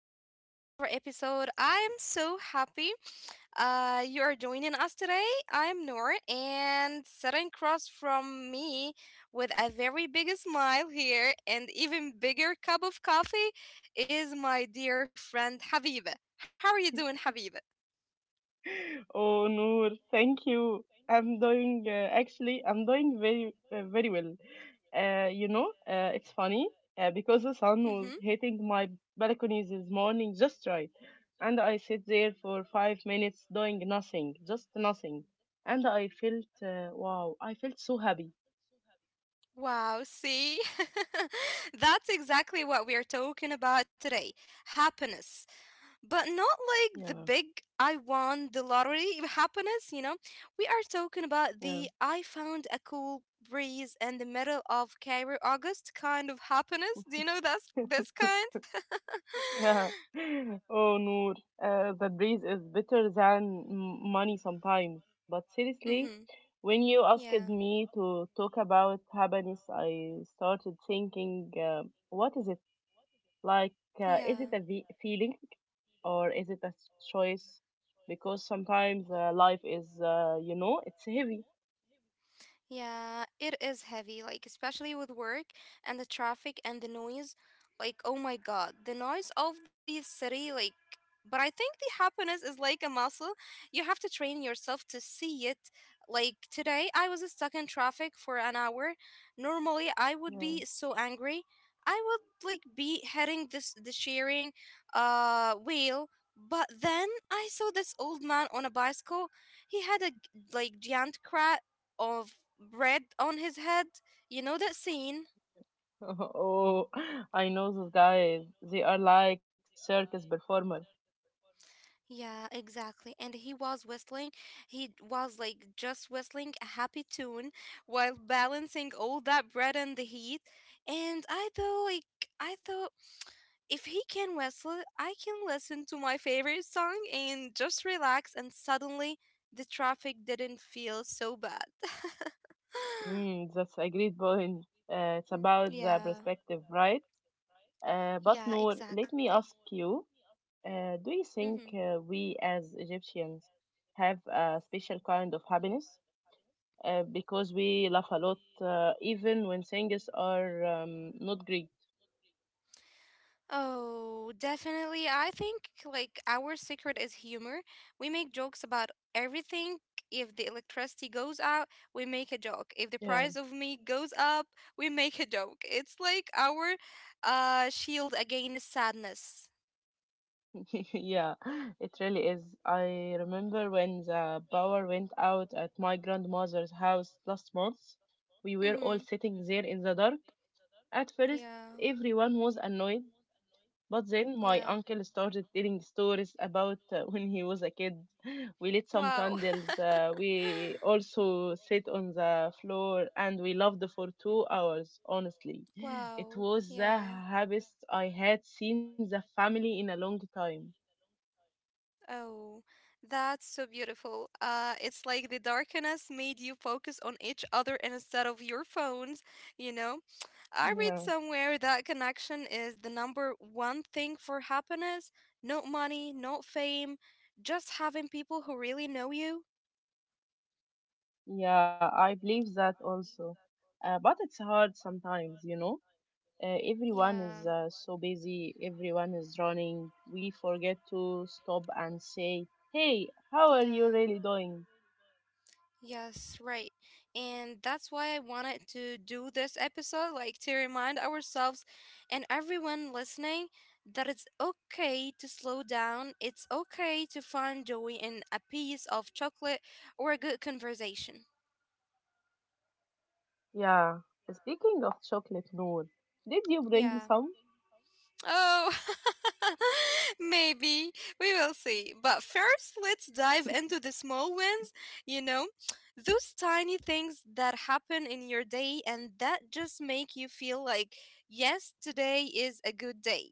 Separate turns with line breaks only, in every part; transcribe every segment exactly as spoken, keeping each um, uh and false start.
everyone to another episode. I am so happy uh, you are joining us today. I am Noor, and sitting across from me with a very big smile here and even bigger cup of coffee is my dear friend Habiba. How are you doing, Habiba?
Oh, Noor, thank you. I'm doing uh, actually, I'm doing very, uh, very well. Uh, you know, uh, it's funny uh, because the sun was hitting my balcony this morning just right, and I sit there for five minutes doing nothing, just nothing, and I felt uh, wow, I felt so happy.
Wow, see? That's exactly what we are talking about today, happiness. But not like the
Yeah,
big I won the lottery happiness, you know? We are talking about
yeah.
the I found a cool breeze in the middle of Cairo August kind of happiness. Do you know that's this kind?
Yeah. Oh, Noor, uh, the breeze is better than m- money sometimes. But seriously,
Mm-hmm.
when you asked
Yeah,
me to talk about happiness, I started thinking, uh, what is it? Like, uh, is it a
yeah.
ve- feeling or is it a choice? Because sometimes uh, life is, uh, you know, it's heavy.
Yeah, it is heavy, like especially with work and the traffic and the noise. Like, oh my god, the noise of the city, like but I think the happiness is like a muscle. You have to train yourself to see it. Like today I was stuck in traffic for an hour. Normally I would
Yeah.
be so angry. I would like be heading this the shearing uh wheel. But then I saw this old man on a bicycle. He had a g- like giant cra of bread on his head. You know that scene?
Oh, I know those guys. They are like circus performers.
Yeah, exactly. And he was whistling. He was like just whistling a happy tune while balancing all that bread in the heat. And I thought, like, I thought if he can whistle, I can listen to my favorite song and just relax. And suddenly the traffic didn't feel so bad.
Mm, that's a great point. Uh, it's about the
Yeah,
perspective, right? Uh, but
yeah,
Noor, let me
exactly.
ask you, uh, do you
Mm-hmm.
think uh, we as Egyptians have a special kind of happiness? Uh, because we laugh a lot, uh, even when things are um, not great.
Oh, definitely. I think like our secret is humor. We make jokes about everything. If the electricity goes out, we make a joke. If the
Yeah,
price of meat goes up, we make a joke. It's like our uh shield against sadness.
yeah, it really is. I remember when the power went out at my grandmother's house last month. We were all
Mm-hmm.
sitting there in the dark. At first,
Yeah.
everyone was annoyed, but then my
Yeah.
uncle started telling stories about uh, when he was a kid. We lit some
Wow.
candles, uh, we also sat on the floor, and we loved for two hours, honestly. It
Wow.
was the
Yeah.
happiest I had seen the family in a long time.
Oh, that's so beautiful. Uh, it's like the darkness made you focus on each other instead of your phones, you know? I read
Yeah,
somewhere that connection is the number one thing for happiness. Not money, not fame, just having people who really know you.
yeah, I believe that also. Uh, but it's hard sometimes, you know? Uh, everyone
Yeah,
is uh, so busy, everyone is running. We forget to stop and say, "Hey, how are you
yeah.
really doing?"
Yes, right. And that's why I wanted to do this episode, like to remind ourselves and everyone listening that it's okay to slow down. It's okay to find joy in a piece of chocolate or a good conversation.
Yeah, speaking of chocolate, Noor, did you bring
Yeah.
some?
Oh, maybe. We will see. But first, let's dive into the small wins, you know, those tiny things that happen in your day and that just make you feel like, yes, today is a good day.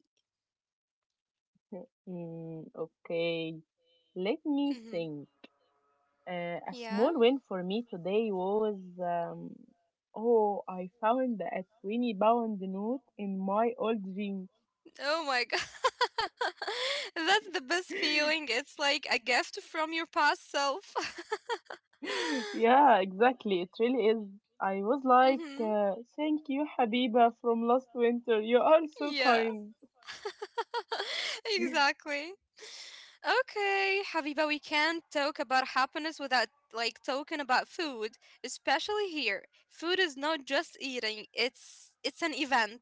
Mm, okay, let me
Hmm.
think. Uh, a
Yeah.
small win for me today was um, oh, I found a twenty pound note in my old jeans.
Oh my God. That's the best feeling. It's like a gift from your past self.
Yeah, exactly. It really is. I was like,
Hmm.
uh, "Thank you, Habiba, from last winter. You are so
Yeah,
kind."
exactly. Okay, Habiba, we can't talk about happiness without like talking about food, especially here. Food is not just eating, it's it's an event.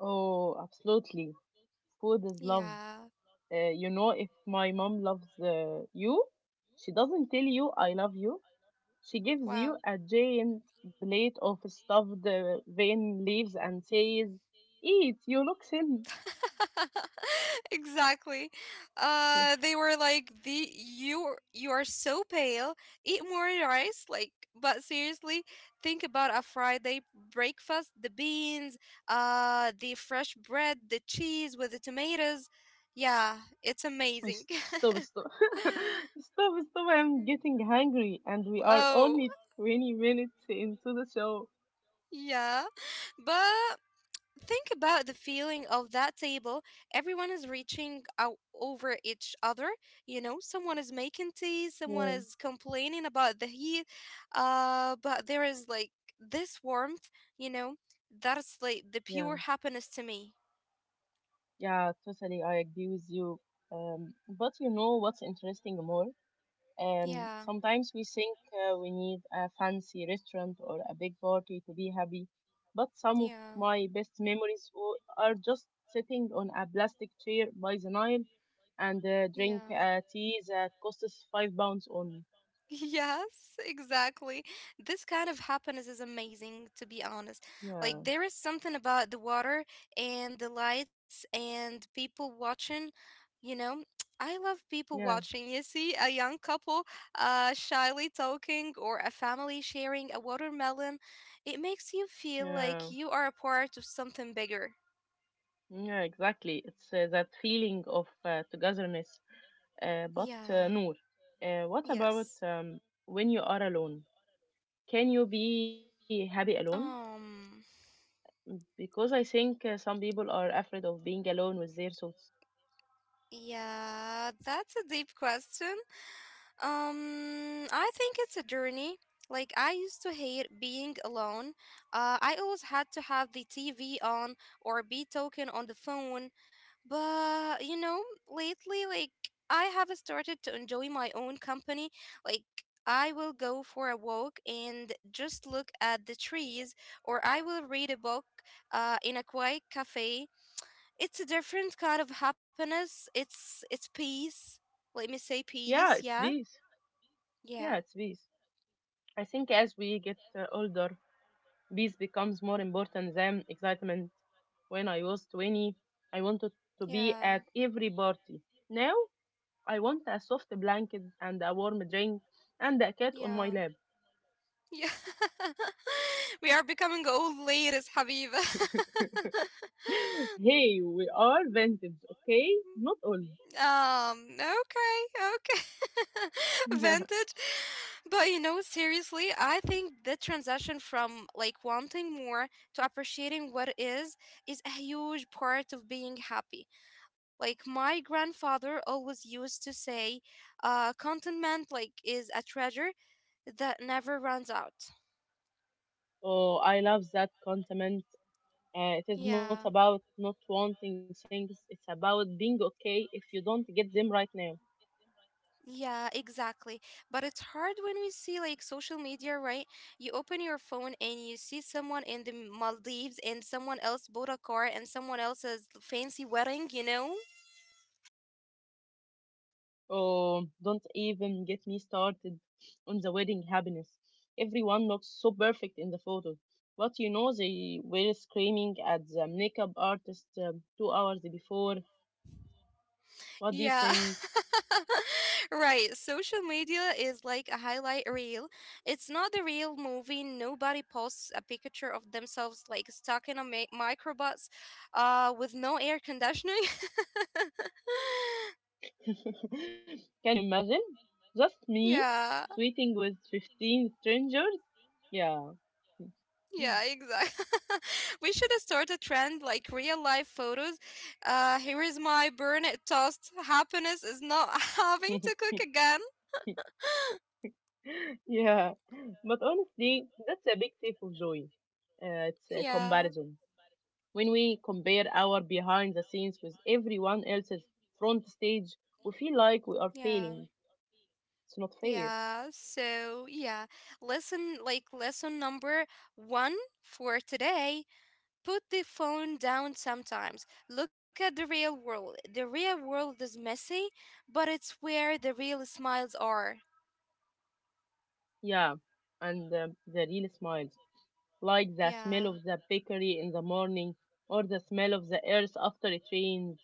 Oh, absolutely. Food is love.
Yeah.
Uh, you know, if my mom loves uh, you, she doesn't tell you, "I love you." She gives you
Wow.
a giant plate of stuffed uh, vine leaves and says, "Eat, you look thin."
Exactly. Uh they were like the you you are so pale. Eat more rice like but seriously, think about a Friday breakfast, the beans, uh the fresh bread, the cheese with the tomatoes. Yeah, it's amazing.
S- Stop, stop, stop, stop. I'm getting hungry, and we are
Oh,
only twenty minutes into the show.
yeah. But think about the feeling of that table. Everyone is reaching out over each other. You know, someone is making tea, someone
Yeah,
is complaining about the heat. Uh, but there is like this warmth, you know, that's like the
yeah,
pure happiness to me.
yeah, totally. I agree with you. Um, but you know what's interesting more? Um,
Yeah,
sometimes we think uh, we need a fancy restaurant or a big party to be happy, but some of
yeah,
my best memories w- are just sitting on a plastic chair by the Nile and uh,
yeah.
drink a tea that costs five pounds on.
Yes, exactly. This kind of happiness is amazing, to be honest.
Yeah.
Like, there is something about the water and the lights and people watching, you know. I love people watching.
Yeah,
You see a young couple uh, shyly talking or a family sharing a watermelon. It makes you feel
yeah,
like you are a part of something bigger.
yeah, exactly. It's uh, that feeling of uh, togetherness. Uh, but uh,
Yeah,
Noor, uh, what about
yes.
um, when you are alone? Can you be happy alone?
Um,
Mm, Because I think uh, some people are afraid of being alone with their thoughts.
yeah, that's a deep question. Um, I think it's a journey. Like I used to hate being alone. Uh, I always had to have the T V on or be talking on the phone. But you know, lately, like I have started to enjoy my own company. Like I will go for a walk and just look at the trees, or I will read a book uh, in a quiet cafe. It's a different kind of happiness. It's it's peace. Let me say peace.
Yeah,
Yeah,
it's peace.
yeah.
Yeah, it's peace. I think as we get uh, older, peace becomes more important than excitement. When I was twenty, I wanted to
Yeah,
be at every party. Now I want a soft blanket and a warm drink and a cat on my
yeah,
lap.
yeah. We are becoming old ladies, Habiba.
Hey, we are vintage, okay? Not old.
Um, okay, okay. Vintage. But you know, seriously, I think the transition from like wanting more to appreciating what is is a huge part of being happy. Like my grandfather always used to say, uh, contentment like is a treasure that never runs out.
Oh, I love that compliment. Uh, it is not
Yeah,
about not wanting things, it's about being okay if you don't get them right now.
yeah, exactly. But it's hard when we see like social media, right? You open your phone and you see someone in the Maldives and someone else bought a car and someone else's fancy wedding, you know?
Oh, don't even get me started on the wedding happiness. Everyone looks so perfect in the photos. But you know, they were screaming at the makeup artist um, two hours before. What do you
Yeah.
think?
Right. Social media is like a highlight reel. It's not the real movie. Nobody posts a picture of themselves like stuck in a mi- microbus uh with no air conditioning.
Can you imagine? Just me
Yeah.
tweeting with fifteen strangers? Yeah.
Yeah, exactly. We should start a trend like real life photos. Uh, here is my burn it toast. Happiness is not having to cook again.
Yeah. But honestly, that's a big thief of joy. Uh, it's a
Yeah,
comparison. When we compare our behind the scenes with everyone else's front stage, we feel like we are
yeah.
failing. It's not fair.
Yeah, so yeah, lesson like lesson number one for today. Put the phone down sometimes. Look at the real world. The real world is messy, but it's where the real smiles are.
Yeah, and um, the real smiles, like the smell
Yeah.
of the bakery in the morning or the smell of the earth after it rains.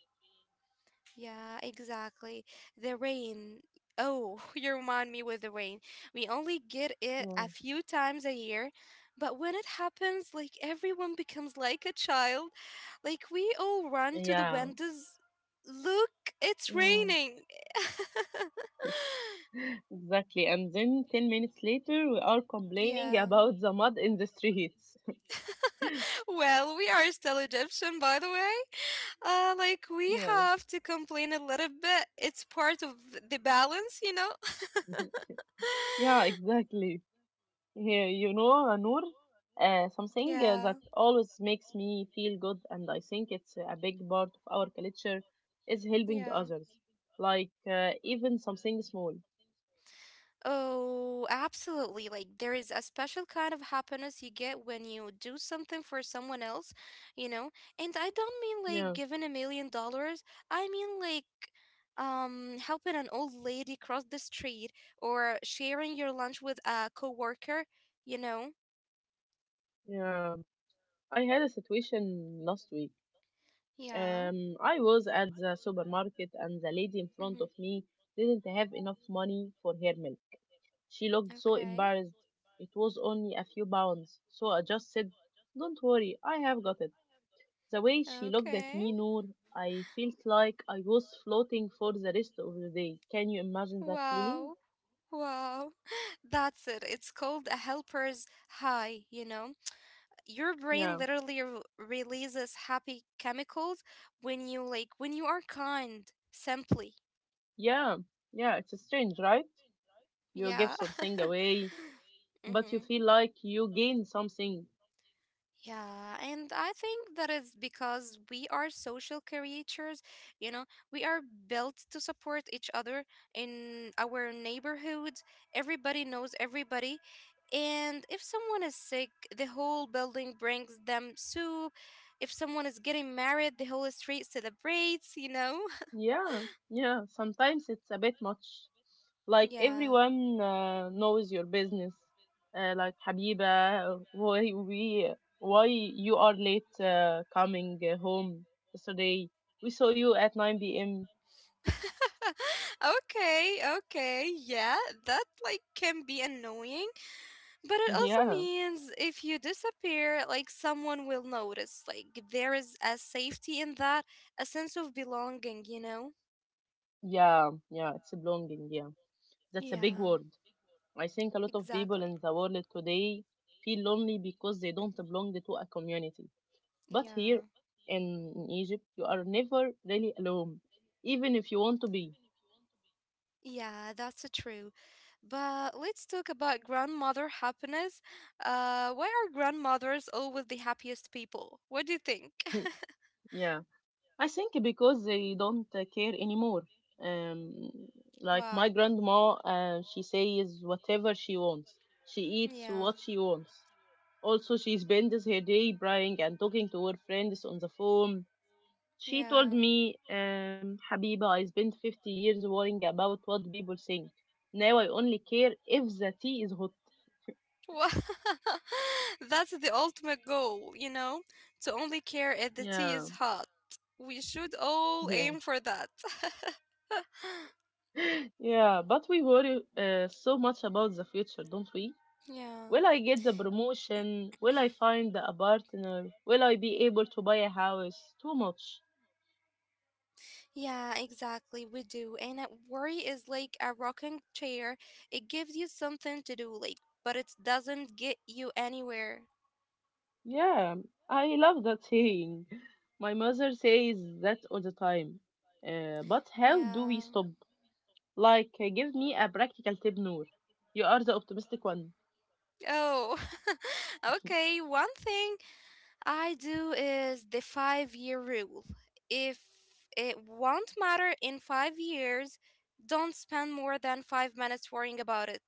Yeah, exactly. The rain. Oh, you remind me with the rain. We only get it
Yeah,
a few times a year, but when it happens, like everyone becomes like a child. Like we all run to the
yeah,
windows. Look, it's
yeah,
raining.
exactly. And then ten minutes later, we are complaining
Yeah.
about the mud in the streets.
Well, we are still Egyptian, by the way. Uh, like we
Yeah,
have to complain a little bit. It's part of the balance, you know?
yeah, exactly. Yeah, you know, uh, Noor, uh, something uh, that
Yeah,
always makes me feel good, and I think it's a big part of our culture, is helping
yeah.
others, like uh, even something small.
Oh, absolutely. Like, there is a special kind of happiness you get when you do something for someone else, you know? And I don't mean like
Yeah,
giving a million dollars. I mean like um helping an old lady cross the street or sharing your lunch with a coworker, you know?
yeah. I had a situation last week.
Yeah.
Um, I was at the supermarket, and the lady in
Mm-hmm.
front of me didn't have enough money for her milk. She looked so
Okay.
embarrassed. It was only a few pounds, so I just said, "Don't worry, I have got it." The way she looked at
Okay.
me, Noor, I felt like I was floating for the rest of the day. Can you imagine that feeling?
Wow. Wow. That's it. It's called a helper's high, you know? Your brain
Yeah.
literally r- releases happy chemicals when you like when you are kind simply.
Yeah, yeah, it's strange, right? You give
Yeah.
something away, but you
Mm-hmm.
feel like you gain something.
Yeah, and I think that is because we are social creatures, you know. We are built to support each other. In our neighborhoods, everybody knows everybody, and if someone is sick, the whole building brings them soup. If someone is getting married, the whole street celebrates, you know?
Yeah, yeah, sometimes it's a bit much. Like
Yeah.
everyone uh, knows your business. Uh, like Habiba, why we, why you are late uh, coming uh, home yesterday? We saw you at nine p m.
Okay, okay. Yeah, that like can be annoying, but it also
Yeah,
means if you disappear, like someone will notice. Like there is a safety in that, a sense of belonging, you know?
yeah, yeah, it's belonging, yeah. That's a big
Yeah,
word. I think a lot of people in
exactly.
the world today feel lonely because they don't belong to a community. But here
Yeah.
in, in Egypt, you are never really alone, even if you want to be.
Yeah, that's uh, true. But let's talk about grandmother happiness. Uh, why are grandmothers always the happiest people? What do you think?
Yeah, I think because they don't uh, care anymore. Um, like my
Wow.
grandma, uh, she says whatever she wants. She eats
Yeah.
what she wants. Also, she spends her day crying and talking to her friends on the phone. She
Yeah.
told me, um, "Habiba, I spent fifty years worrying about what people think. Now I only care if the tea is hot."
Wha- That's the ultimate goal, you know? To only care if the tea
Yeah,
is hot. We should all
yeah,
aim for that.
yeah. But we worry uh, so much about the future, don't we?
Yeah.
Will I get the promotion? Will I find a partner? Will I be able to buy a house? Too much.
Yeah, exactly. We do. And uh, worry is like a rocking chair. It gives you something to do, like, but it doesn't get you anywhere.
Yeah, I love that saying. My mother says that all the time. Uh, but how do
Yeah.
we stop? Like, uh, give me a practical tip, Noor. You are the optimistic one.
Oh, okay. One thing I do is the five year rule. If it won't matter in five years, don't spend more than five minutes worrying about it.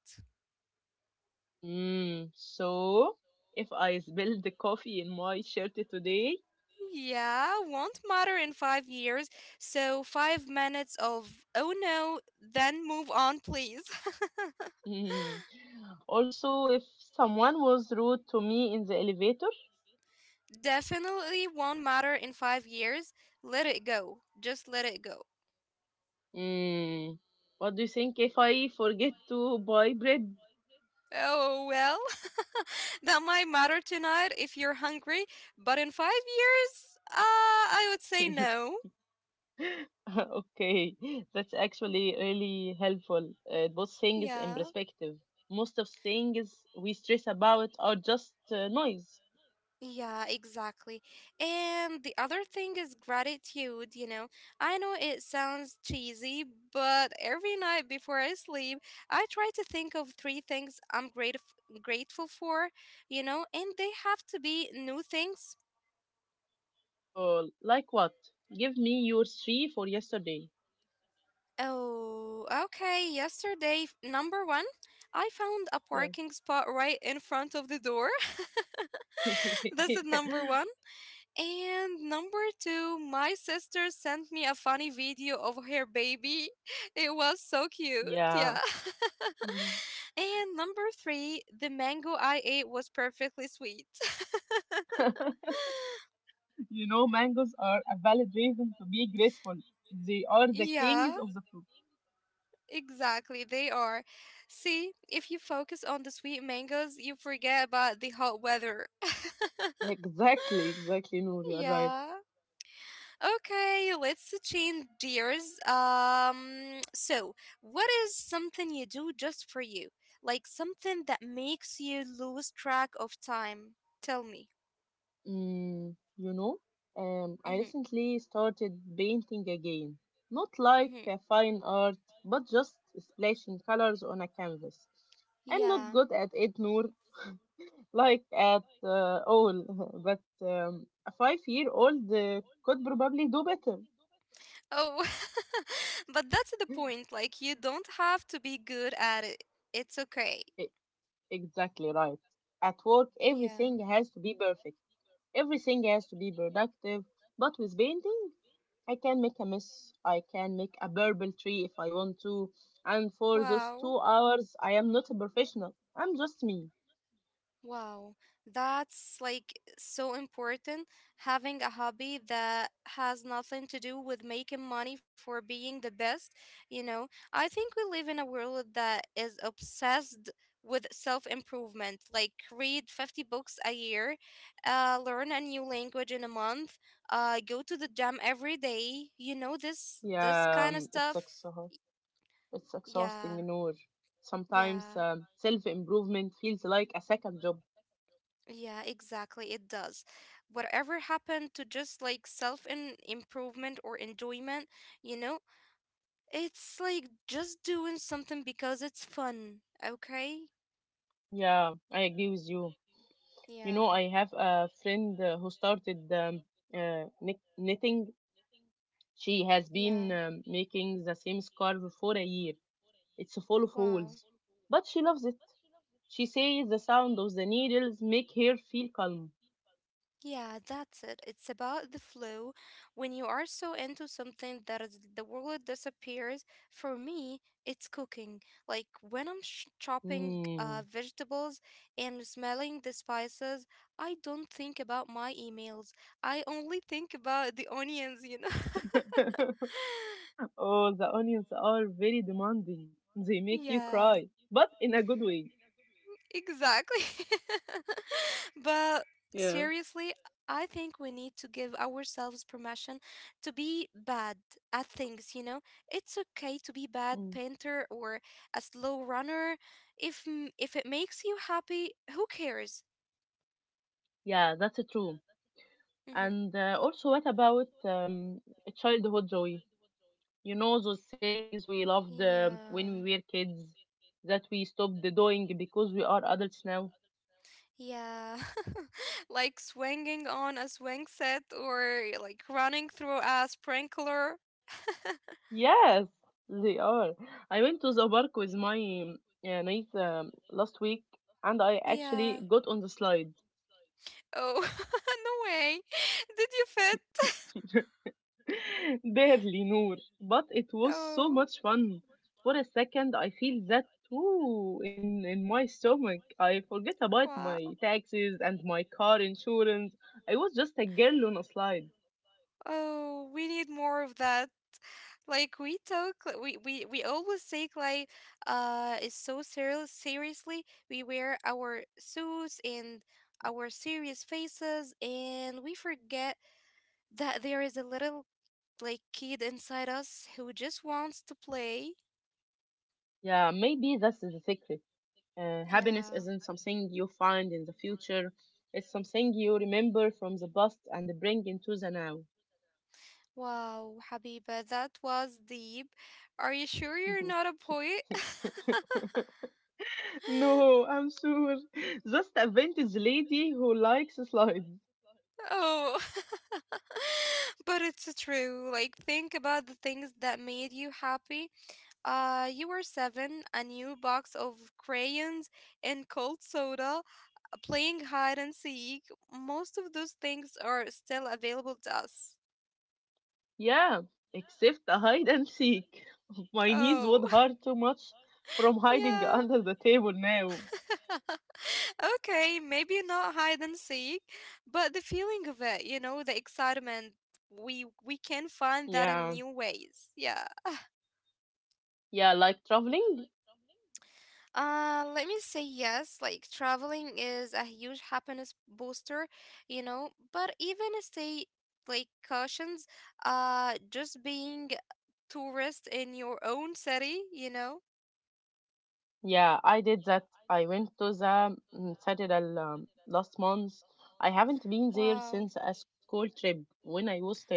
Mm, so, if I spill the coffee in my shirt today,
Yeah, won't matter in five years. So, five minutes of oh no, then move on, please.
mm, also if someone was rude to me in the elevator,
Definitely won't matter in five years. Let it go. Just let it go.
mm, what do you think if I forget to buy bread?
Oh well, that might matter tonight if you're hungry, but in five years, uh, I would say no.
Okay, that's actually really helpful. It puts things in
Yeah,
perspective. Most of things we stress about are just uh, noise.
yeah, exactly. And the other thing is gratitude, you know. I know it sounds cheesy, but every night before I sleep, I try to think of three things I'm grateful grateful for, you know, and they have to be new things.
Or like what? Give me your three for yesterday.
Oh, okay. Yesterday, f- number one, I found a
Yeah.
parking spot right in front of the door. This is number one. And number two, my sister sent me a funny video of her baby. It was so cute, yeah.
Yeah. Mhm.
And number three, the mango I ate was perfectly sweet.
You know, mangoes are a valid reason to be grateful. They are the
Yeah,
kings of the fruit.
exactly, they are. See, if you focus on the sweet mangoes, you forget about the hot weather.
Exactly, exactly, Noor, you are right.
Yeah. Okay, let's change gears. Um, so what is something you do just for you? Like something that makes you lose track of time. Tell me.
Mm, you know, um, I
Mm-hmm.
recently started painting again. Not
Mm-hmm.
like a fine art, but just splashing colors on a canvas. I'm not
Yeah.
good at it, Noor, like at uh, all, but um, a five year old uh, could probably do better.
Oh, but that's the point. Like you don't have to be good at it. It's okay.
E- exactly right. At work,
Yeah.
everything has to be perfect, everything has to be productive, but with painting, I can make a mess. I can make a purple tree if I want to. And for those
Wow.
two hours, I am not a professional. I'm just me.
Wow, that's like so important. Having a hobby that has nothing to do with making money for being the best, you know. I think we live in a world that is obsessed with self improvement. Like, read fifty books a year, uh, learn a new language in a month, uh, go to the gym every day, you know, this, this
Yeah,
kind of
um, it's
stuff.
exha- it's
Yeah,
exhausting, Noor. Sometimes
yeah.
um, self improvement feels like a second job.
Yeah, exactly. It does. Whatever happened to just like self in improvement or enjoyment, you know, it's like just doing something because it's fun. Okay?
Yeah, I agree with you. You know,
Yeah.
I have a friend uh, who started um, uh, knick- knitting. She has
Yeah.
been um, making the same scarf for a year. It's full of
Wow.
holes, but she loves it. She says the sound of the needles make her feel calm.
Yeah, that's it. It's about the flow. When you are so into something that is, the world disappears, for me, it's cooking. Like when I'm sh chopping uh,
Mm.
vegetables and smelling the spices, I don't think about my emails. I only think about the onions, you know?
Oh, the onions are very demanding. They make you
Yeah.
cry, but in a good way.
Exactly. But
Yeah.
seriously, I think we need to give ourselves permission to be bad at things, you know? It's okay to be bad
Mm.
painter or a slow runner. If m- if it makes you happy, who cares?
Yeah, that's true.
Hmm.
And uh, also, what about um, childhood joy? You know, those things we loved uh,
Yeah.
when we were kids that we stopped doing because we are adults now?
Yeah. Like swinging on a swing set or like running through a sprinkler.
Yes, they are. I went to the park with my um, uh, niece um, last week and I
Yeah.
actually got on the slide.
Oh, no way. Did you fit?
Barely, Noor. But it was so
Oh,
much fun. For a second, I feel that too in, in my stomach. I forget about
wow.
my taxes and my car insurance. I was just a girl on a slide.
Oh, we need more of that. Like we took, like, we we we always take like uh it's so serious seriously. We wear our suits and our serious faces, and we forget that there is a little like kid inside us who just wants to play.
Yeah, maybe that's the secret. Uh, happiness
Yeah.
isn't something you find in the future, it's something you remember from the past and bring into the now.
Wow, Habiba, that was deep. Are you sure you're not a poet?
No, I'm sure. Just a vintage lady who likes slides.
Oh, but it's true. Like, think about the things that made you happy. Uh, you were seven, a new box of crayons and cold soda, uh, playing hide and seek. Most of those things are still available to us.
Yeah, except a hide and seek. My knees
Oh,
would hurt too much from hiding
yeah.
under the table now.
Okay, maybe not hide and seek, but the feeling of it, you know, the excitement, we we can find that in
Yeah,
new ways. Yeah.
yeah, like traveling.
Uh, let me say yes, like traveling is a huge happiness booster, you know, but even stay like cautions, uh just being tourist in your own city, you know.
Yeah, I did that. I went to the mm, Citadel um, last month. I haven't been there
Wow.
since a school trip when I was ten.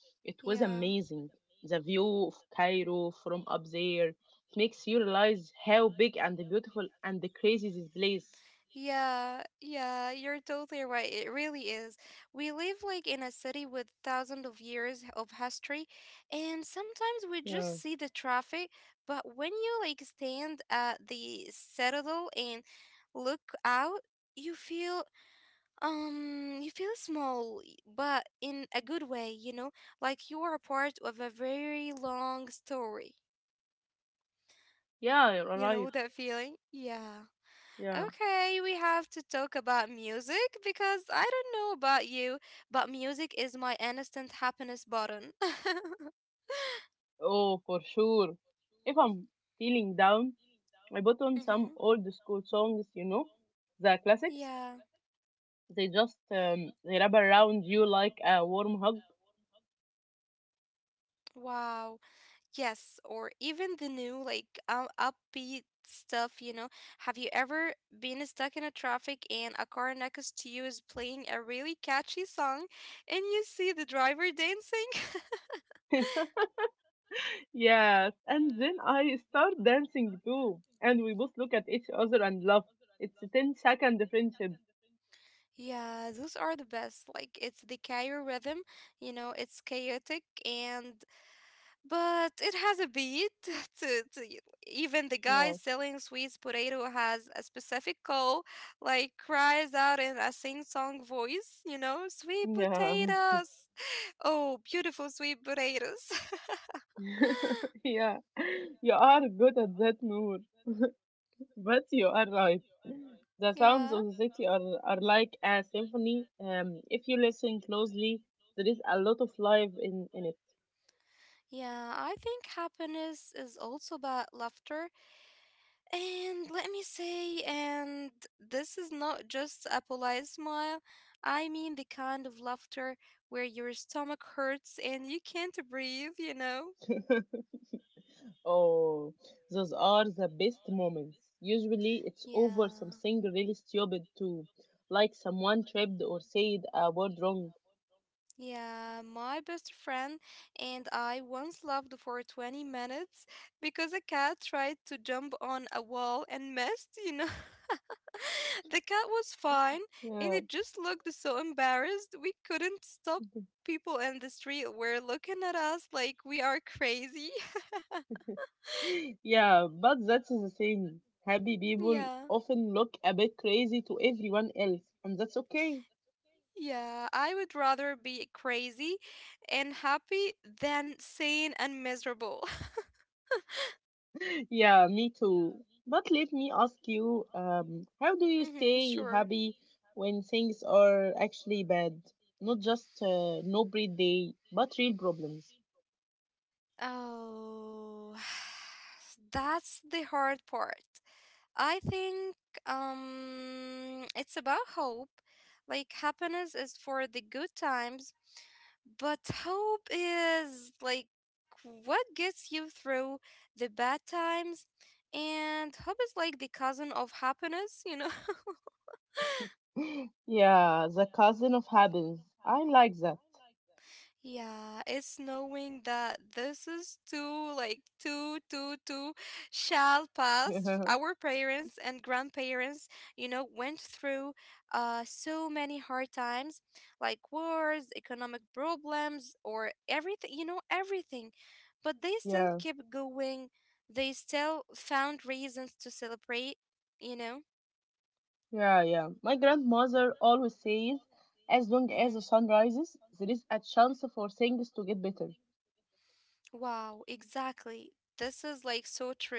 It was
Yeah.
amazing. The view of Cairo from up there, it makes you realize how big and beautiful and crazy this place.
Yeah, yeah, you're totally right. It really is. We live like in a city with thousands of years of history, and sometimes we just
Yeah,
see the traffic, but when you like stand at the citadel and look out, you feel um you feel small, y- but in a good way, you know, like you are a part of a very long story.
yeah, you're
You know
right.
that feeling? Yeah.
Yeah.
Okay, we have to talk about music because I don't know about you, but music is my instant happiness button.
Oh, for sure. If I'm feeling down, I put on some
Hmm.
old school songs, you know, the classics.
Yeah.
They just um, they wrap around you like a warm hug.
Wow. Yes, or even the new like um, upbeat stuff, you know. Have you ever been stuck in a traffic and a car next to you is playing a really catchy song and you see the driver dancing?
Yes, and then I start dancing too, and we both look at each other and laugh. It's a ten-second friendship.
Yeah, those are the best. Like it's the Cairo rhythm, you know, it's chaotic and but it has a beat to, to y- even the guy
Yeah,
selling sweets potato has a specific call, like cries out in a sing-song voice, you know, sweet
yeah,
potatoes. Oh, beautiful sweet potatoes.
yeah. You are good at that, Noor. But you are right. The sounds
Yeah.
of the city are, are like a symphony. Um, if you listen closely, there is a lot of life in, in it.
Yeah, I think happiness is also about laughter. And let me say, and this is not just a polite smile. I mean the kind of laughter where your stomach hurts and you can't breathe, you know?
Oh, those are the best moments. Usually it's over
Yeah.
something really stupid too, like someone tripped or said a word wrong.
Yeah, my best friend and I once laughed for twenty minutes because a cat tried to jump on a wall and missed, you know. The cat was fine and
Yeah.
it just looked so embarrassed. We couldn't stop. People in the street were looking at us like we are crazy.
Yeah, but that's the thing. Happy people
Yeah.
often look a bit crazy to everyone else, and that's okay.
Yeah, I would rather be crazy and happy than sane and miserable.
Yeah, me too. But let me ask you, um, how do you
Mm-hmm,
stay
sure.
happy when things are actually bad? Not just uh, no breed day, but real problems.
Oh, that's the hard part. I think um it's about hope. Like happiness is for the good times, but hope is like what gets you through the bad times. And hope is like the cousin of happiness, you know?
Yeah, the cousin of happiness. I like that.
Yeah, it's knowing that this is too, like, too, too, too shall pass. Our parents and grandparents, you know, went through uh, so many hard times, like wars, economic problems, or everything, you know, everything. But they still
Yeah.
kept going. They still found reasons to celebrate, you know?
Yeah, yeah. My grandmother always says, as long as the
Hmm.
sun rises, there is a chance for things to get better.
Wow, exactly. This is like so true.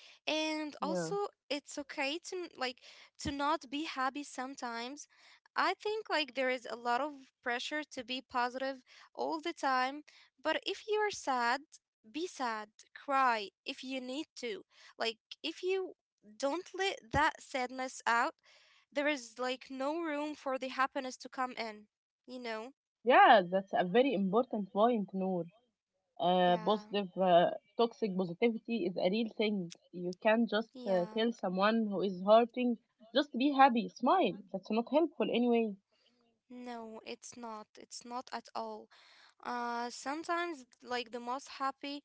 And also
Yeah.
it's okay to n- like to not be happy sometimes. I think like there is a lot of pressure to be positive all the time, but if you are sad, be sad, cry if you need to. Like, if you don't let that sadness out, there is like no room for the happiness to come in, you know.
Yeah, that's a very important point, Noor. Uh,
Yeah,
positive, uh, Toxic positivity is a real thing. You can't just uh,
yeah.
tell someone who is hurting, just be happy, smile. That's not helpful anyway.
No, it's not, it's not at all. Uh, sometimes, like the most happy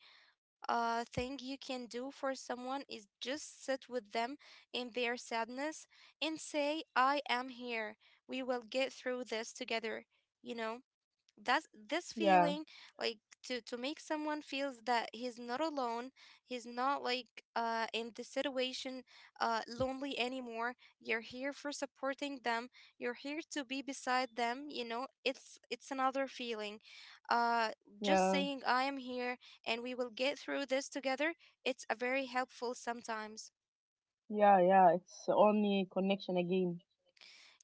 uh, thing you can do for someone is just sit with them in their sadness and say, I am here. We will get through this together, you know? That's this
Yeah,
feeling like to to make someone feels that he's not alone, he's not like uh in the situation uh lonely anymore. You're here for supporting them. You're here to be beside them, you know. It's it's another feeling. Uh just
yeah,
saying I am here and we will get through this together, it's a very helpful sometimes.
yeah, yeah. It's only connection again.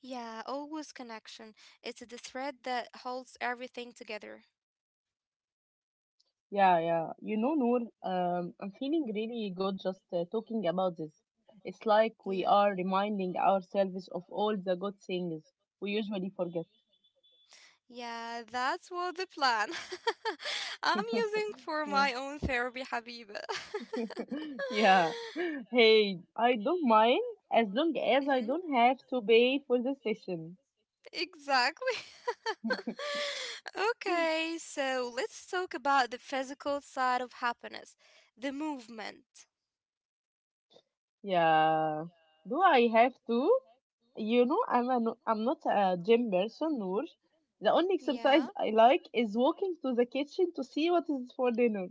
Yeah, always connection. It's the thread that holds everything together.
Yeah, yeah. You know, Noor, um, I'm feeling really good just uh, talking about this. It's like we are
Yeah.
reminding ourselves of all the good things we usually forget.
Yeah, that's what the plan. I'm using for
yeah.
my own therapy, Habiba.
yeah. Hey, I don't mind as long as I
Hmm.
don't have to pay for the session.
Exactly. Okay, so let's talk about the physical side of happiness, the movement.
Yeah. Do I have to? You know, I'm a, no- I'm not a gym person, Noor. The only exercise
Yeah.
I like is walking to the kitchen to see what is for dinner.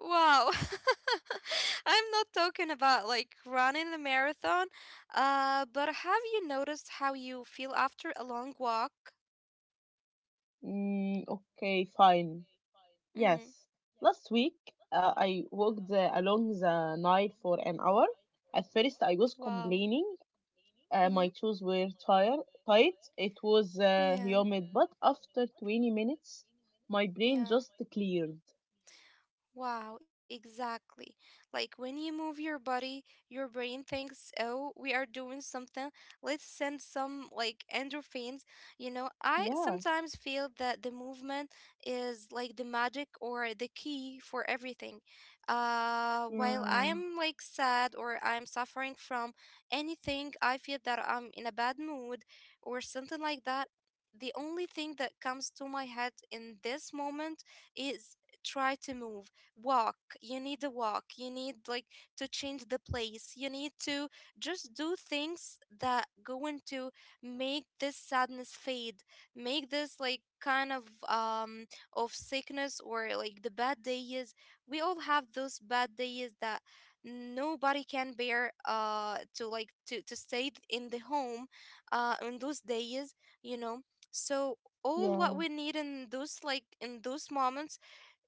Wow. I'm not talking about like running a marathon, uh, but have you noticed how you feel after a long walk?
Mm, okay, fine.
Mm-hmm.
Yes. Last week, uh, I walked uh, along the Nile for an hour. At first, I was
Wow.
complaining. Uh,
Mm-hmm.
my shoes were tire- tight. It was uh,
Yeah.
humid, but after twenty minutes, my brain
Yeah.
just cleared.
Wow, exactly. Like when you move your body, your brain thinks, "Oh, we are doing something. Let's send some like endorphins." You know, I
Yeah,
sometimes feel that the movement is like the magic or the key for everything. Uh, while
yeah,
I am like sad or I'm suffering from anything, I feel that I'm in a bad mood or something like that. The only thing that comes to my head in this moment is try to move, walk. You need a walk, you need like to change the place, you need to just do things that going to make this sadness fade, make this like kind of um of sickness or like the bad days. We all have those bad days that nobody can bear uh to like to to stay in the home uh on those days, you know. So all what
yeah,
we need in those like in those moments,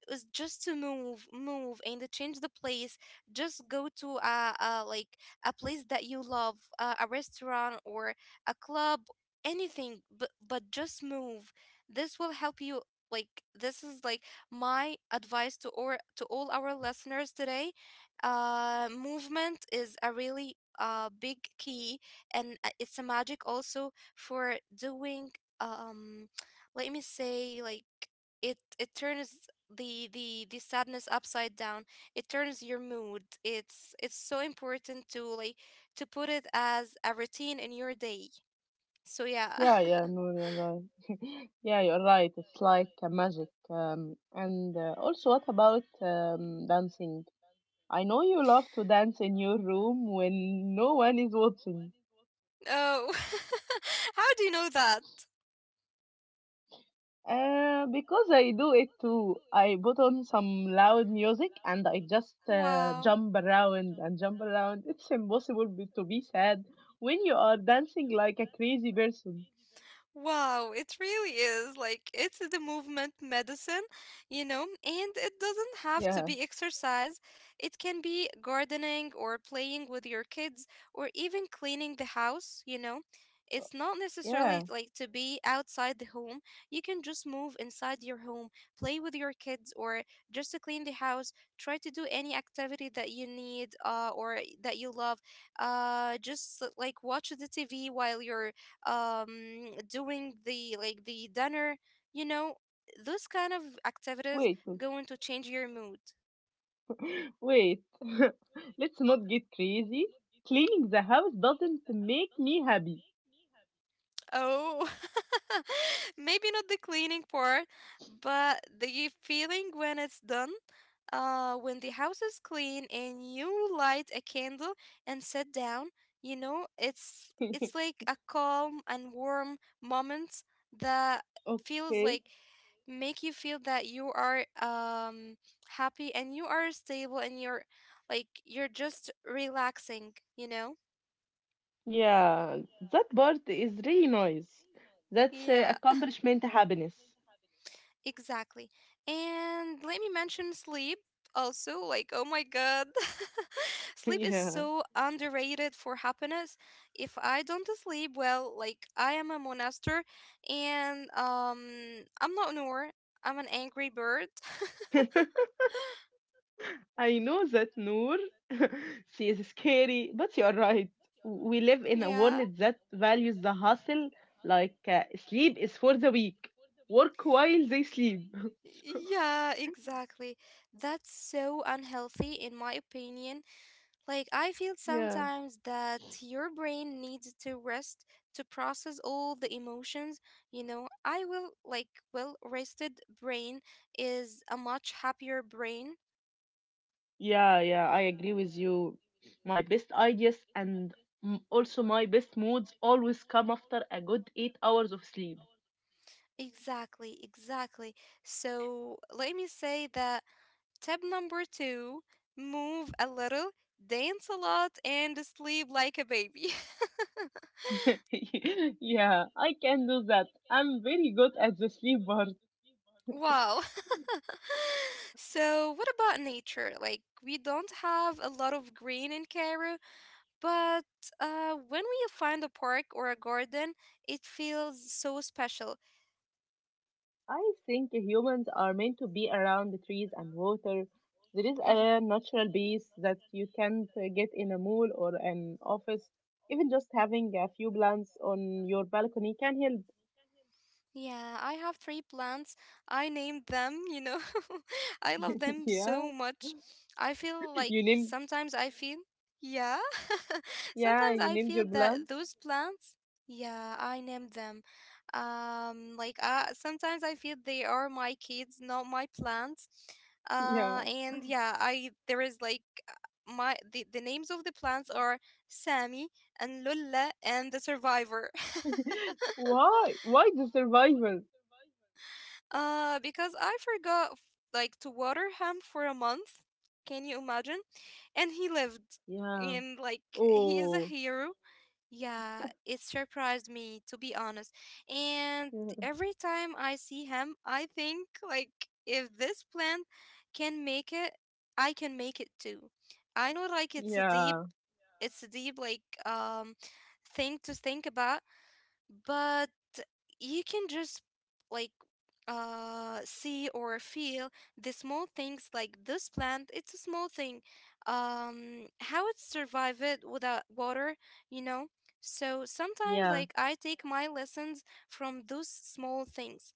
it was just to move move and change the place, just go to a, a like a place that you love, uh, a restaurant or a club, anything but but just move. This will help you, like this is like my advice to or to all our listeners today. Uh, movement is a really uh big key, and uh, it's a magic also for doing um let me say like it it turns the the the sadness upside down, it turns your mood. It's it's so important to like to put it as a routine in your day, so yeah.
yeah, yeah, No, you're right. Yeah, you're right. It's like a magic. Um, and uh, also, what about um, dancing? I know you love to dance in your room when no one is watching.
Oh how do you know that.
Uh, because I do it too. I put on some loud music and I just uh,
Wow.
jump around and jump around. It's impossible be- to be sad when you are dancing like a crazy person.
Wow, it really is. Like, it's the movement medicine, you know, and it doesn't have to
Yeah,
be exercise. It can be gardening or playing with your kids or even cleaning the house, you know. It's not
yeah.
necessarily like to be outside the home. You can just move inside your home, play with your kids, or just to clean the house. Try to do any activity that you need uh, or that you love. Uh, just like watch the T V while you're um, doing the like the dinner, you know, those kind of activities
Wait, wait,
going to change your mood.
wait. Let's not get crazy. Cleaning the house doesn't make me happy.
Oh, maybe not the cleaning part, but the feeling when it's done. Uh, when the house is clean and you light a candle and sit down, you know, it's it's like a calm and warm moment that feels
Okay.
like make you feel that you are um happy and you are stable and you're like you're just relaxing, you know?
Yeah, that part is really nice. That's uh,
Yeah.
accomplishment happiness.
Exactly. And let me mention sleep also. Like, oh my God. Sleep is
Yeah.
so underrated for happiness. If I don't sleep well, like, I am a monaster and um, I'm not Noor. I'm an angry bird.
I know that Noor, she is scary, but you are right. We live in a world
Yeah.
that values the hustle, like uh, sleep is for the weak, work while they sleep.
Yeah, exactly. That's so unhealthy, in my opinion. Like, I feel
Yeah,
sometimes that your brain needs to rest to process all the emotions. You know, I will, like, well rested brain is a much happier brain.
yeah, yeah, I agree with you. My best ideas and m- also my best moods always come after a good eight hours of sleep.
Exactly, exactly. So, let me say that tip number two, move a little, dance a lot, and sleep like a baby.
yeah, I can do that. I'm very good at the sleep part.
Wow. So, what about nature? Like, we don't have a lot of green in Cairo, but uh, when we find a park or a garden, it feels so special.
I think humans are meant to be around the trees and water. There is a
Mhm.
natural base that you can't uh, get in a mall or an office. Even just having a few plants on your balcony can help.
Yeah, I have three plants. I named them, you know. I love them
Yeah,
so much. I feel like
you named
sometimes I feel, yeah.
yeah
Sometimes
you
I
named
feel
your
that
plants.
those plants, yeah, I named them. Um, like uh, sometimes I feel they are my kids, not my plants. Uh,
Yeah.
and yeah, I there is like my the, the names of the plants are Sammy and Lulla and the survivor.
Why? Why the survival?
Uh, because I forgot f- like to water him for a month. Can you imagine? And he lived.
Yeah.
And like he is a
Oh.
hero. Yeah, it surprised me to be honest. And every time I see him, I think like if this plant can make it, I can make it too. I know like it's a deep,
Yeah.
it's a deep like um thing to think about, but you can just like uh see or feel the small things. Like this plant, it's a small thing, um how it survive it without water you know so sometimes
Yeah.
like I take my lessons from those small things,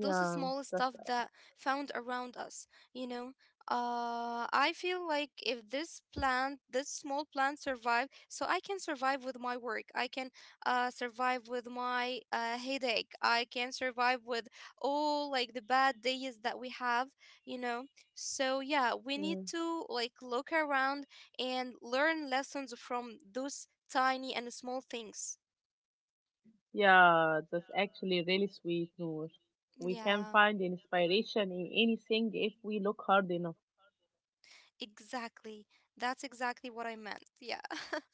those small
that's
stuff that found around us you know uh I feel like if this plant, this small plant survive, so I can survive with my work, I can uh survive with my uh headache, I can survive with all like the bad days that we have you know so yeah, we need
mm,
to like look around and learn lessons from those tiny and small things.
yeah, that's actually really sweet, Noor. We can
Yeah,
find inspiration in anything if we look hard enough.
exactly. That's exactly what I meant. Yeah.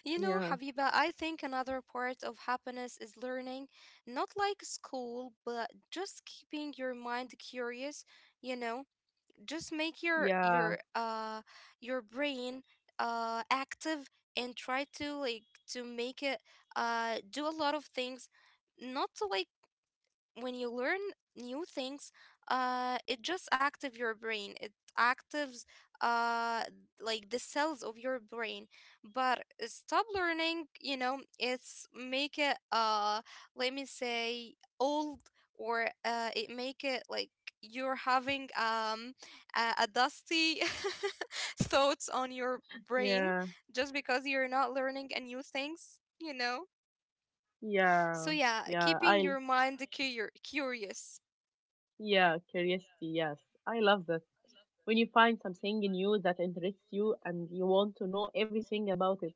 You know,
Yeah,
Habiba, I think another part of happiness is learning, not like school, but just keeping your mind curious, you know, just make your
yeah,
your uh your brain uh active and try to like to make it uh do a lot of things, not to like when you learn new things, uh it just active your brain, it actives uh like the cells of your brain. But stop learning, you know, it's make it uh let me say old, or uh it make it like you're having um a, a dusty thoughts on your brain
yeah,
just because you're not learning a new things, you know. So
yeah,
yeah,
yeah.
keeping
I
your mind cur- curious.
yeah, curiosity. Yes, I love that. When you find something new that interests you and you want to know everything about it.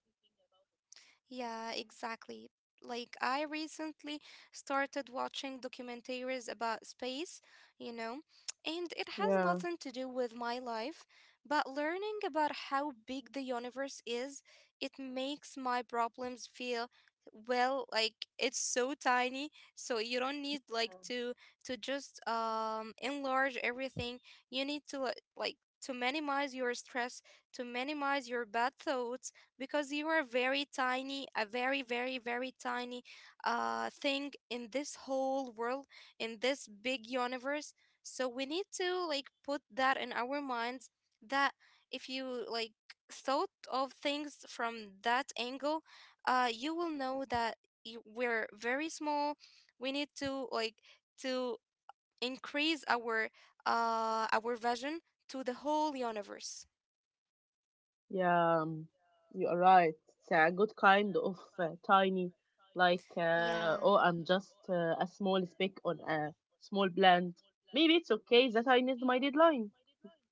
Yeah, exactly. Like, I recently started watching documentaries about space, you know, and it has
Yeah.
nothing to do with my life, but learning about how big the universe is, it makes my problems feel, well, like it's so tiny. So you don't need like to to just um enlarge everything. You need to li- like to minimize your stress, to minimize your bad thoughts, because you are very tiny, a very, very, very tiny uh, thing in this whole world, in this big universe. So we need to like put that in our minds that if you like thought of things from that angle, uh, you will know that you, we're very small. We need to like to increase our uh, our vision to the whole universe.
Yeah, um, you are right. It's a good kind of uh, tiny, like, uh,
Yeah.
oh, I'm just uh, a small speck on a small plant. Maybe it's okay that I missed my deadline.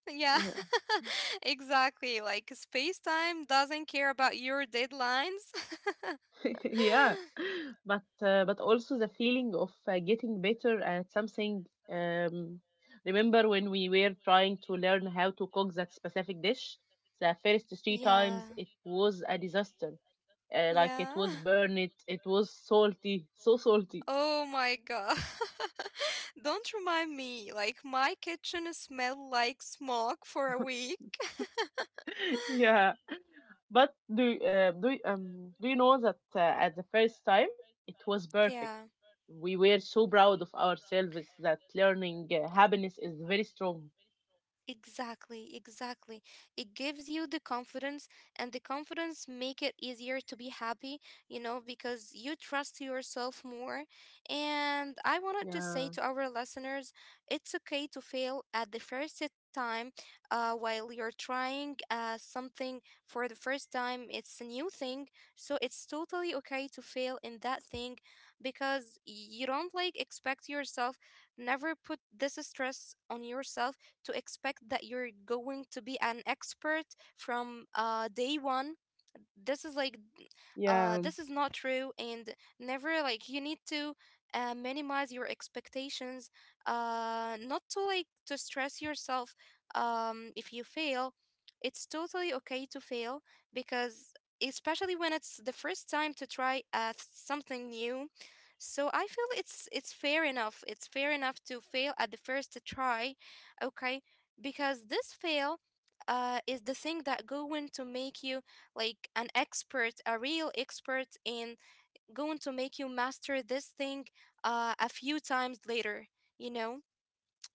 Yeah,
Yeah,
exactly. Like space time doesn't care about your deadlines.
yeah. But uh, but also the feeling of uh, getting better at something. Um, Remember when we were trying to learn how to cook that specific dish? The first three
Yeah,
times it was a disaster, uh, like it was
yeah.
burned, it was salty, so salty.
Oh my god. Don't remind me. Like my kitchen smelled like smoke for a week.
Yeah, but do uh, do you- um do you know that uh, at the first time it was perfect.
Yeah.
We were so proud of ourselves that learning uh, happiness is very strong.
Exactly, exactly. It gives you the confidence, and the confidence make it easier to be happy, you know, because you trust yourself more. And I wanted to say
Yeah,
to our listeners, it's okay to fail at the first time. Uh, while you're trying uh, something for the first time, it's a new thing, so it's totally okay to fail in that thing, because you don't like expect yourself. Never put this stress on yourself to expect that you're going to be an expert from uh, day one. This is like uh
yeah,
this is not true, and never, like you need to uh, minimize your expectations, uh not to like to stress yourself, um if you fail, it's totally okay to fail, because especially when it's the first time to try uh, something new. So I feel it's it's fair enough, it's fair enough to fail at the first try, okay, because this fail uh, is the thing that going to make you like an expert, a real expert, and going to make you master this thing uh, a few times later, you know?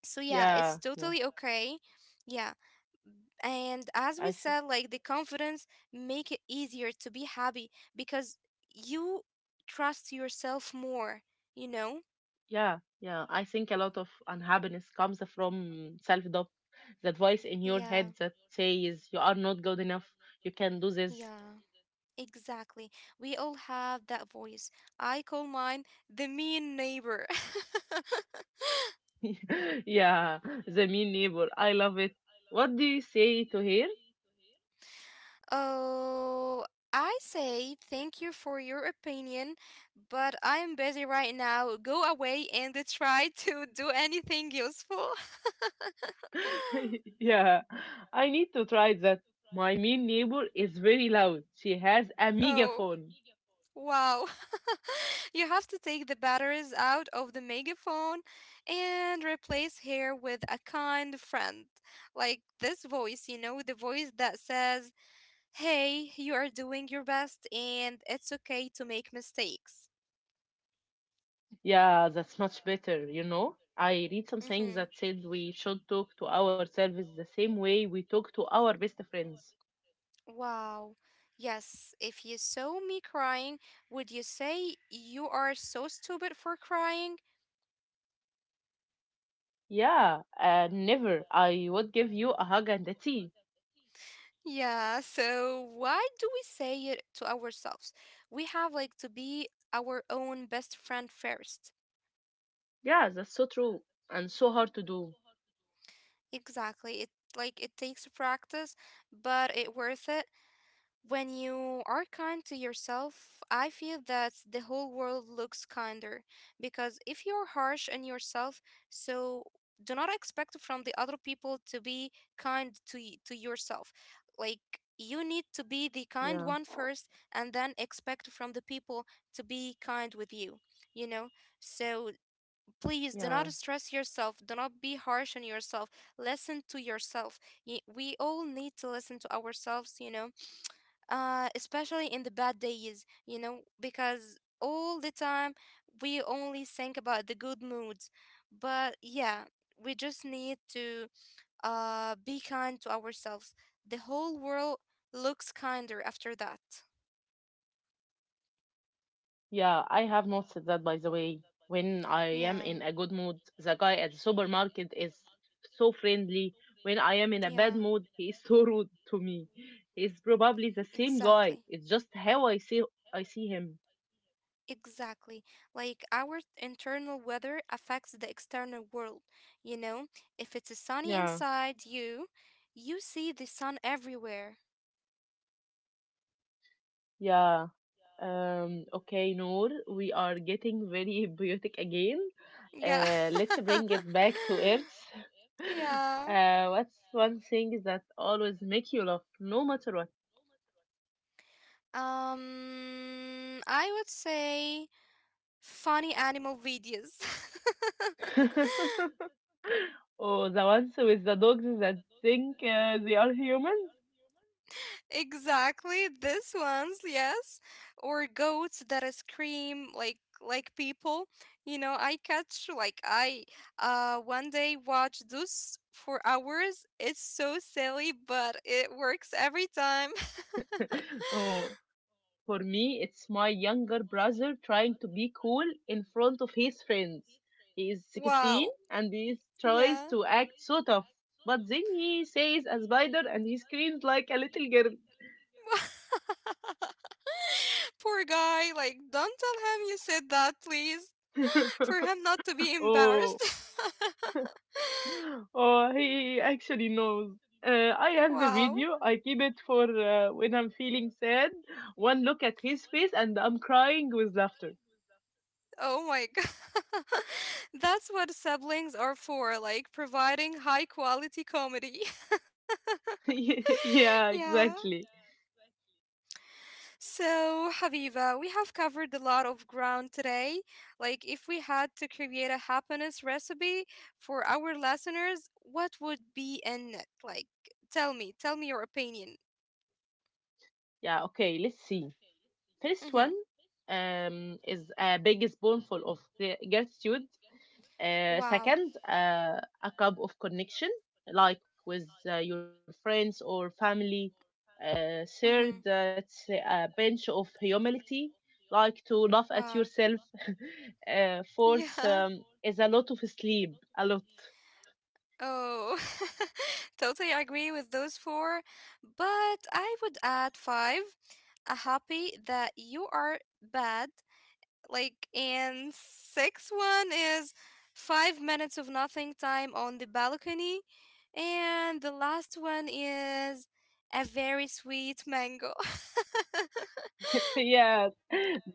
So, yeah, it's
yeah, yeah.
totally okay. Yeah. And as we
I think
said, like the confidence make it easier to be happy, because you trust yourself more, you know?
Yeah, yeah. I think a lot of unhappiness comes from self doubt. That voice in your
Yeah,
head that says you are not good enough. You can do this.
yeah, exactly. We all have that voice. I call mine the mean neighbor.
Yeah, the mean neighbor. I love it. What do you say to her?
Oh, I say thank you for your opinion, but I'm busy right now. Go away and try to do anything useful.
Yeah, I need to try that. My mean neighbor is very loud. She has a
Oh,
megaphone.
wow. You have to take the batteries out of the megaphone and replace her with a kind friend. Like this voice, you know, the voice that says, "Hey, you are doing your best and it's okay to make mistakes."
Yeah, that's much better, you know? I read something
Mm-hmm.
that said we should talk to ourselves the same way we talk to our best friends.
Wow. Yes, if you saw me crying, would you say you are so stupid for crying?
Yeah, and never. I would give you a hug and a tea.
Yeah, so why do we say it to ourselves? We have like to be our own best friend first.
Yeah, that's so true and so hard to do.
Exactly. It, like it takes practice, but it worth it. When you are kind to yourself, I feel that the whole world looks kinder. Because if you're harsh on yourself, so do not expect from the other people to be kind to y- to yourself. Like you need to
Yeah,
be the kind one first, and then expect from the people to be kind with you. You know. So
yeah.
please do not stress yourself. Do not be harsh on yourself. Listen to yourself. Y- We all need to listen to ourselves. You know, uh, especially in the bad days, you know, because all the time we only think about the good moods. But yeah, we just need to uh, be kind to ourselves. The whole world looks kinder after that.
Yeah, I have noticed that by the way. When I am in
Yeah,
a good mood, the guy at the supermarket is so friendly. When I am in a bad
yeah,
mood, he is so rude to me. He's probably the same
exactly.
guy. It's just how I see I see him.
Exactly. Like our internal weather affects the external world. You know, if it's sunny
Yeah,
inside you, you see the sun everywhere.
yeah. Um, okay, Noor, we are getting very biotic again.
Yeah.
Uh, let's bring it back to earth.
Yeah.
Uh, what's one thing that always make you laugh, no matter
Um, I would say funny animal videos.
what? Oh, the ones with the dogs that think uh, they are humans.
Exactly, this ones, yes. Or goats that uh, scream like like people. You know, I catch like I uh one day watched those for hours. It's so silly, but it works every time.
Oh, for me, it's my younger brother trying to be cool in front of his friends. He is sixteen
Wow.
and he tries
Yeah.
to act so tough, but then he says a spider and he screams like a little
Poor guy, like don't tell him you said that, please.
girl.
For him not to be
Oh,
embarrassed.
oh, he actually knows. Uh, I have the
Wow.
video. I keep it for uh, when I'm feeling sad. One look at his face and I'm crying with laughter.
Oh my God. That's what siblings are for, like providing high quality comedy.
Yeah,
Yeah.
exactly.
So, Habiba, we have covered a lot of ground today. Like, if we had to create a happiness recipe for our listeners, what would be in it? Like, tell me, tell me your opinion.
Yeah, okay, let's see. First
Mm-hmm.
one um, is a big spoonful of gra- gratitude. Uh,
Wow.
second, uh, a cup of connection, like with uh, your friends or family. Uh,
Mm-hmm.
third, uh, it's a bench of humility, like to laugh at
Wow.
yourself. Uh, fourth,
Yeah.
um, is a lot of sleep, a lot.
Oh, totally agree with those four, but I would add five. A happy that you are bad, like, and six one is five minutes of nothing time on the balcony, and the last one is a very sweet mango.
Yeah,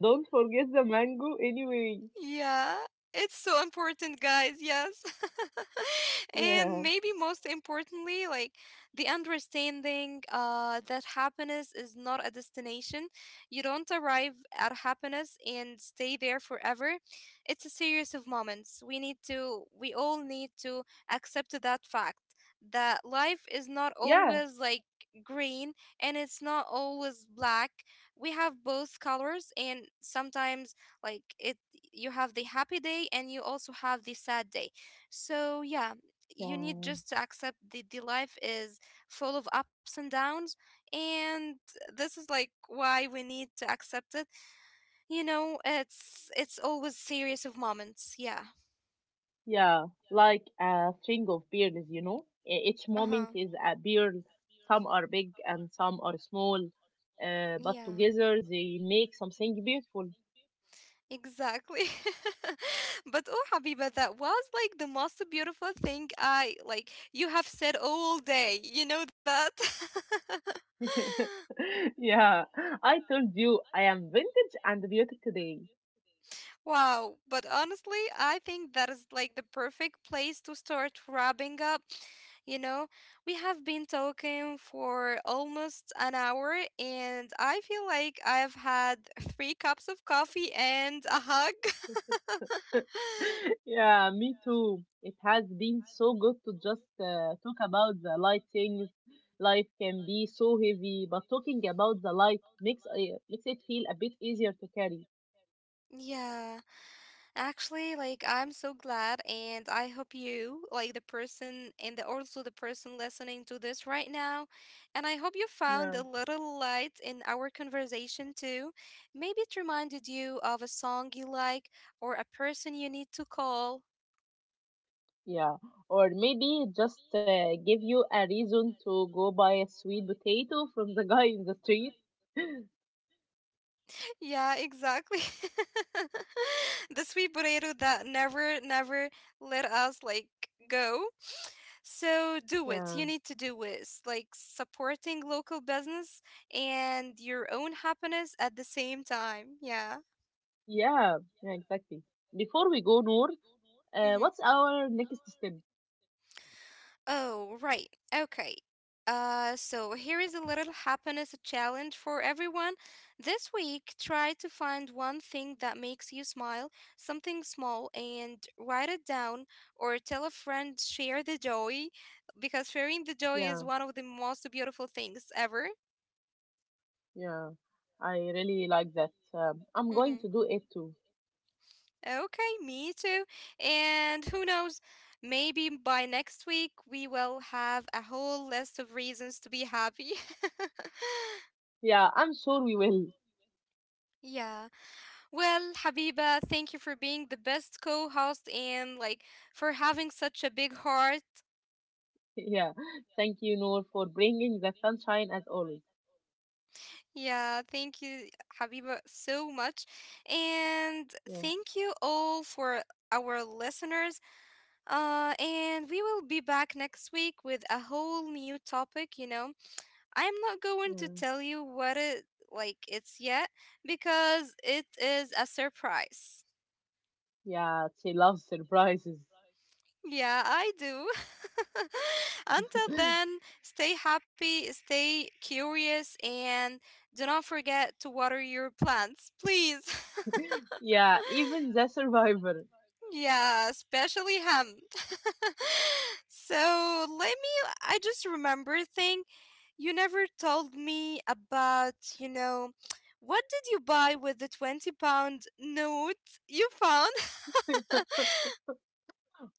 don't forget the mango anyway.
Yeah, it's so important, guys. Yes.
Yeah.
And maybe most importantly, like the understanding uh, that happiness is not a destination. You don't arrive at happiness and stay there forever. It's a series of moments. We need to, we all need to accept that fact that life is not
Yeah,
always like green, and it's not always black. We have both colors, and sometimes like it, you have the happy day and you also have the sad day. So yeah, you need
yeah,
just to accept that the life is full of ups and downs, and this is like why we need to accept it. You know, it's it's always series of moments. Yeah.
yeah, like a string of pearls, you know. E- Each moment
Uh-huh.
is a pearl. Some are big and some are small, uh,
Yeah.
but together they make something beautiful.
Exactly. But oh, Habiba, that was like the most beautiful thing I like you have said all day. You know that?
yeah, I told you I am vintage and beauty today.
Wow. But honestly, I think that is like the perfect place to start wrapping up. You know, we have been talking for almost an hour, and I feel like I've had three cups of coffee and a hug.
yeah, me too. It has been so good to just uh, talk about the light things. Life can be so heavy, but talking about the light makes uh, makes it feel a bit easier to carry.
Yeah. Actually, like I'm so glad, and I hope you, like the person and the, also the person listening to this right now, and I hope you found
Yeah.
a little light in our conversation too. Maybe it reminded you of a song you like or a person you need to call.
Yeah, or maybe just uh, give you a reason to go buy a sweet potato from the guy in the street.
Yeah, exactly. The sweet potato that never, never let us like go. So do it.
yeah,
You need to do it. It's like supporting local business and your own happiness at the same time. Yeah.
yeah, yeah, exactly. Before we go, Noor, uh,
Hmm.
what's our next step?
Oh, right. Okay. Uh, so here is a little happiness challenge for everyone. This week, try to find one thing that makes you smile, something small, and write it down or tell a friend, share the joy, because sharing the joy is
Yeah,
one of the most beautiful things ever.
yeah, I really like that. Um, I'm going
Mm-hmm.
to do it too.
Okay, me too. And who knows, maybe by next week we will have a whole list of reasons to be happy.
Yeah, I'm sure we will.
Yeah. Well, Habiba, thank you for being the best co-host and like for having such a big heart.
yeah, thank you, Noor, for bringing the sunshine as always.
Yeah, thank you, Habiba, so much. And
Yeah,
thank you all for our listeners. Uh, and we will be back next week with a whole new topic, you know. I'm not going to
yeah,
tell you what it like it's yet because it is a surprise.
yeah, she loves surprises.
Yeah, I do. Until then, stay happy, stay curious, and do not forget to water your plants, please.
yeah, even the survivor.
Yeah, especially him. So let me, I just remember a thing. You never told me about, you know, what did you buy with the twenty pound note you found?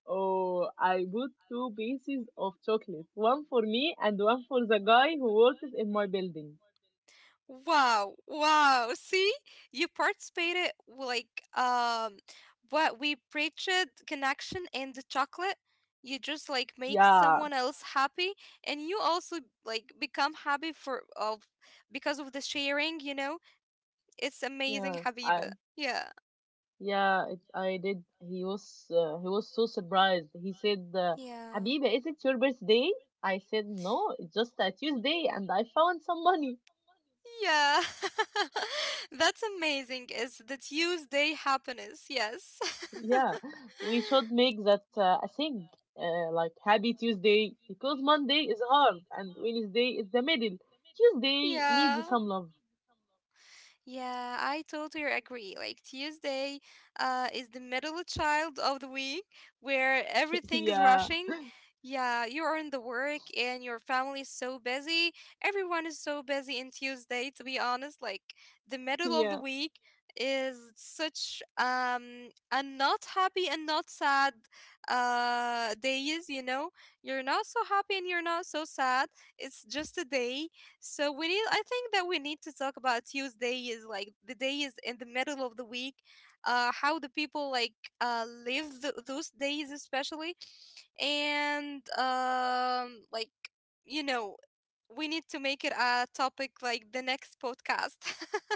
Oh, I bought two pieces of chocolate, one for me and one for the guy who works in my building.
Wow, wow. See, you participated like um what we preached, connection and the chocolate. You just like make
Yeah,
someone else happy and you also like become happy for of because of the sharing, you know? It's amazing,
yeah, I,
Habiba. Yeah.
yeah, it, I did. He was, uh, he was so surprised. He said, uh,
Yeah.
"Habiba, is it your birthday?" I said, "No, it's just a Tuesday, and I found some money."
Yeah. That's amazing. Is the Tuesday happiness. Yes.
Yeah, we should make that uh, a thing, uh, like Happy Tuesday, because Monday is hard and Wednesday is the middle. Tuesday
Yeah.
needs some love.
Yeah, I totally agree. Like Tuesday uh, is the middle child of the week where everything is
yeah.
rushing. Yeah, you are in the work and your family is so busy. Everyone is so busy in Tuesday, to be honest. Like the middle of the
Yeah,
week is such um a not happy and not sad uh days, you know. You're not so happy and you're not so sad. It's just a day so we need. I think that we need to talk about Tuesday is like the day is in the middle of the week. Uh, how the people like uh live th- those days especially, and um like you know we need to make it a topic like the next podcast.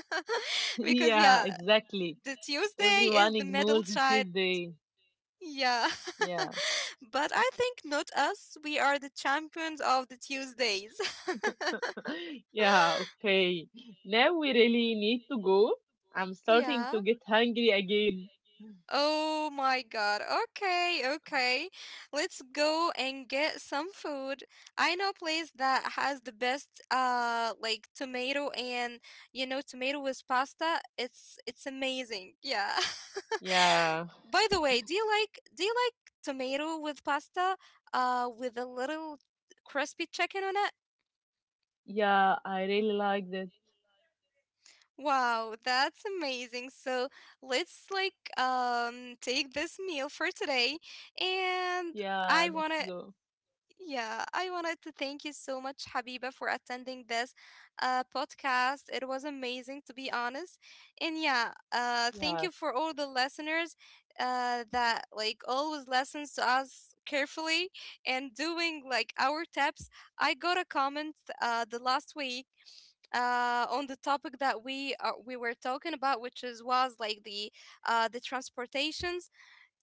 Because yeah,
yeah, exactly.
the Tuesday is
Everyone
the middle
ignores it
child.
Tuesday.
Yeah,
Yeah,
but I think not us. We are the champions of the Tuesdays.
yeah, okay. Now we really need to go. I'm starting
Yeah.
to get hungry again.
Oh my God. Okay, okay. Let's go and get some food. I know a place that has the best uh like tomato and you know tomato with pasta. It's it's amazing. Yeah.
Yeah,
By the way, do you like do you like tomato with pasta uh with a little crispy chicken on it?
yeah, I really like that.
Wow, that's amazing. So let's like um take this meal for today. And
Yeah,
I
let's
wanna
go.
yeah, I wanted to thank you so much, Habiba, for attending this uh podcast. It was amazing, to be honest. And yeah, uh thank
Yeah,
you for all the listeners uh that like always listens to us carefully and doing like our tips. I got a comment uh the last week uh, on the topic that we are, we were talking about, which is was like the uh, the transportations.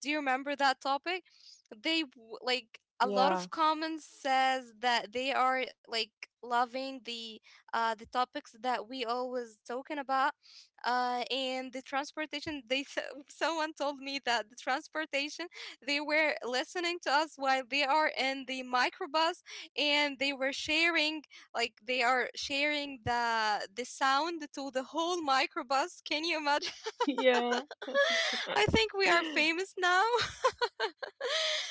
Do you remember that topic? They w- like a lot
yeah,
of comments says that they are like loving the uh the topics that we always talking about, uh and the transportation they th- someone told me that the transportation, they were listening to us while they are in the microbus, and they were sharing, like they are sharing the the sound to the whole microbus. Can you imagine?
yeah,
I think we are famous now.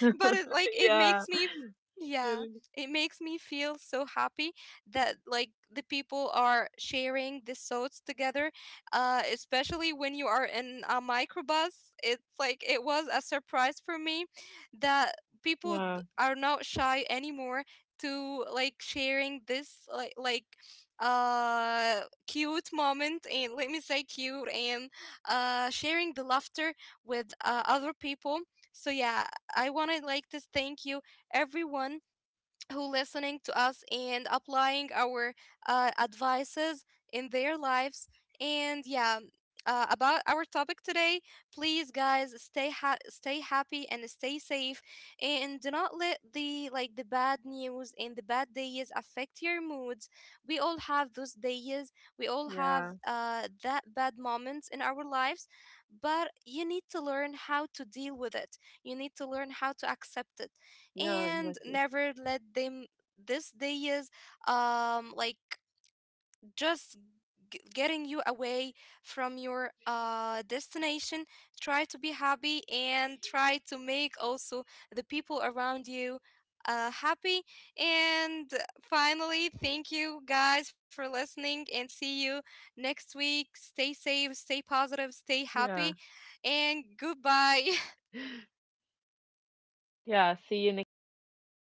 yeah,
But it like it
yeah,
makes me, yeah,
really.
it makes me feel so happy that like the people are sharing the thoughts together, uh especially when you are in a microbus. It's like it was a surprise for me that people th-
Yeah,
are not shy anymore to like sharing this like like uh cute moment, and let me say cute and uh sharing the laughter with uh, other people. So yeah, I want to like to thank you everyone who listening to us and applying our uh, advices in their lives. And yeah, uh, about our topic today, please guys stay ha- stay happy and stay safe, and do not let the like the bad news and the bad days affect your moods. We all have those days, we
yeah,
all have uh, that bad moments in our lives, but you need to learn how to deal with it, you need to learn how to accept
yeah,
it,
exactly.
and never let them this day is um like just g- getting you away from your uh destination. Try to be happy and try to make also the people around you uh happy. And finally, thank you guys for listening and see you next week. Stay safe, stay positive,
Yeah,
stay happy, and goodbye.
yeah, see you next time. Goodbye, everyone.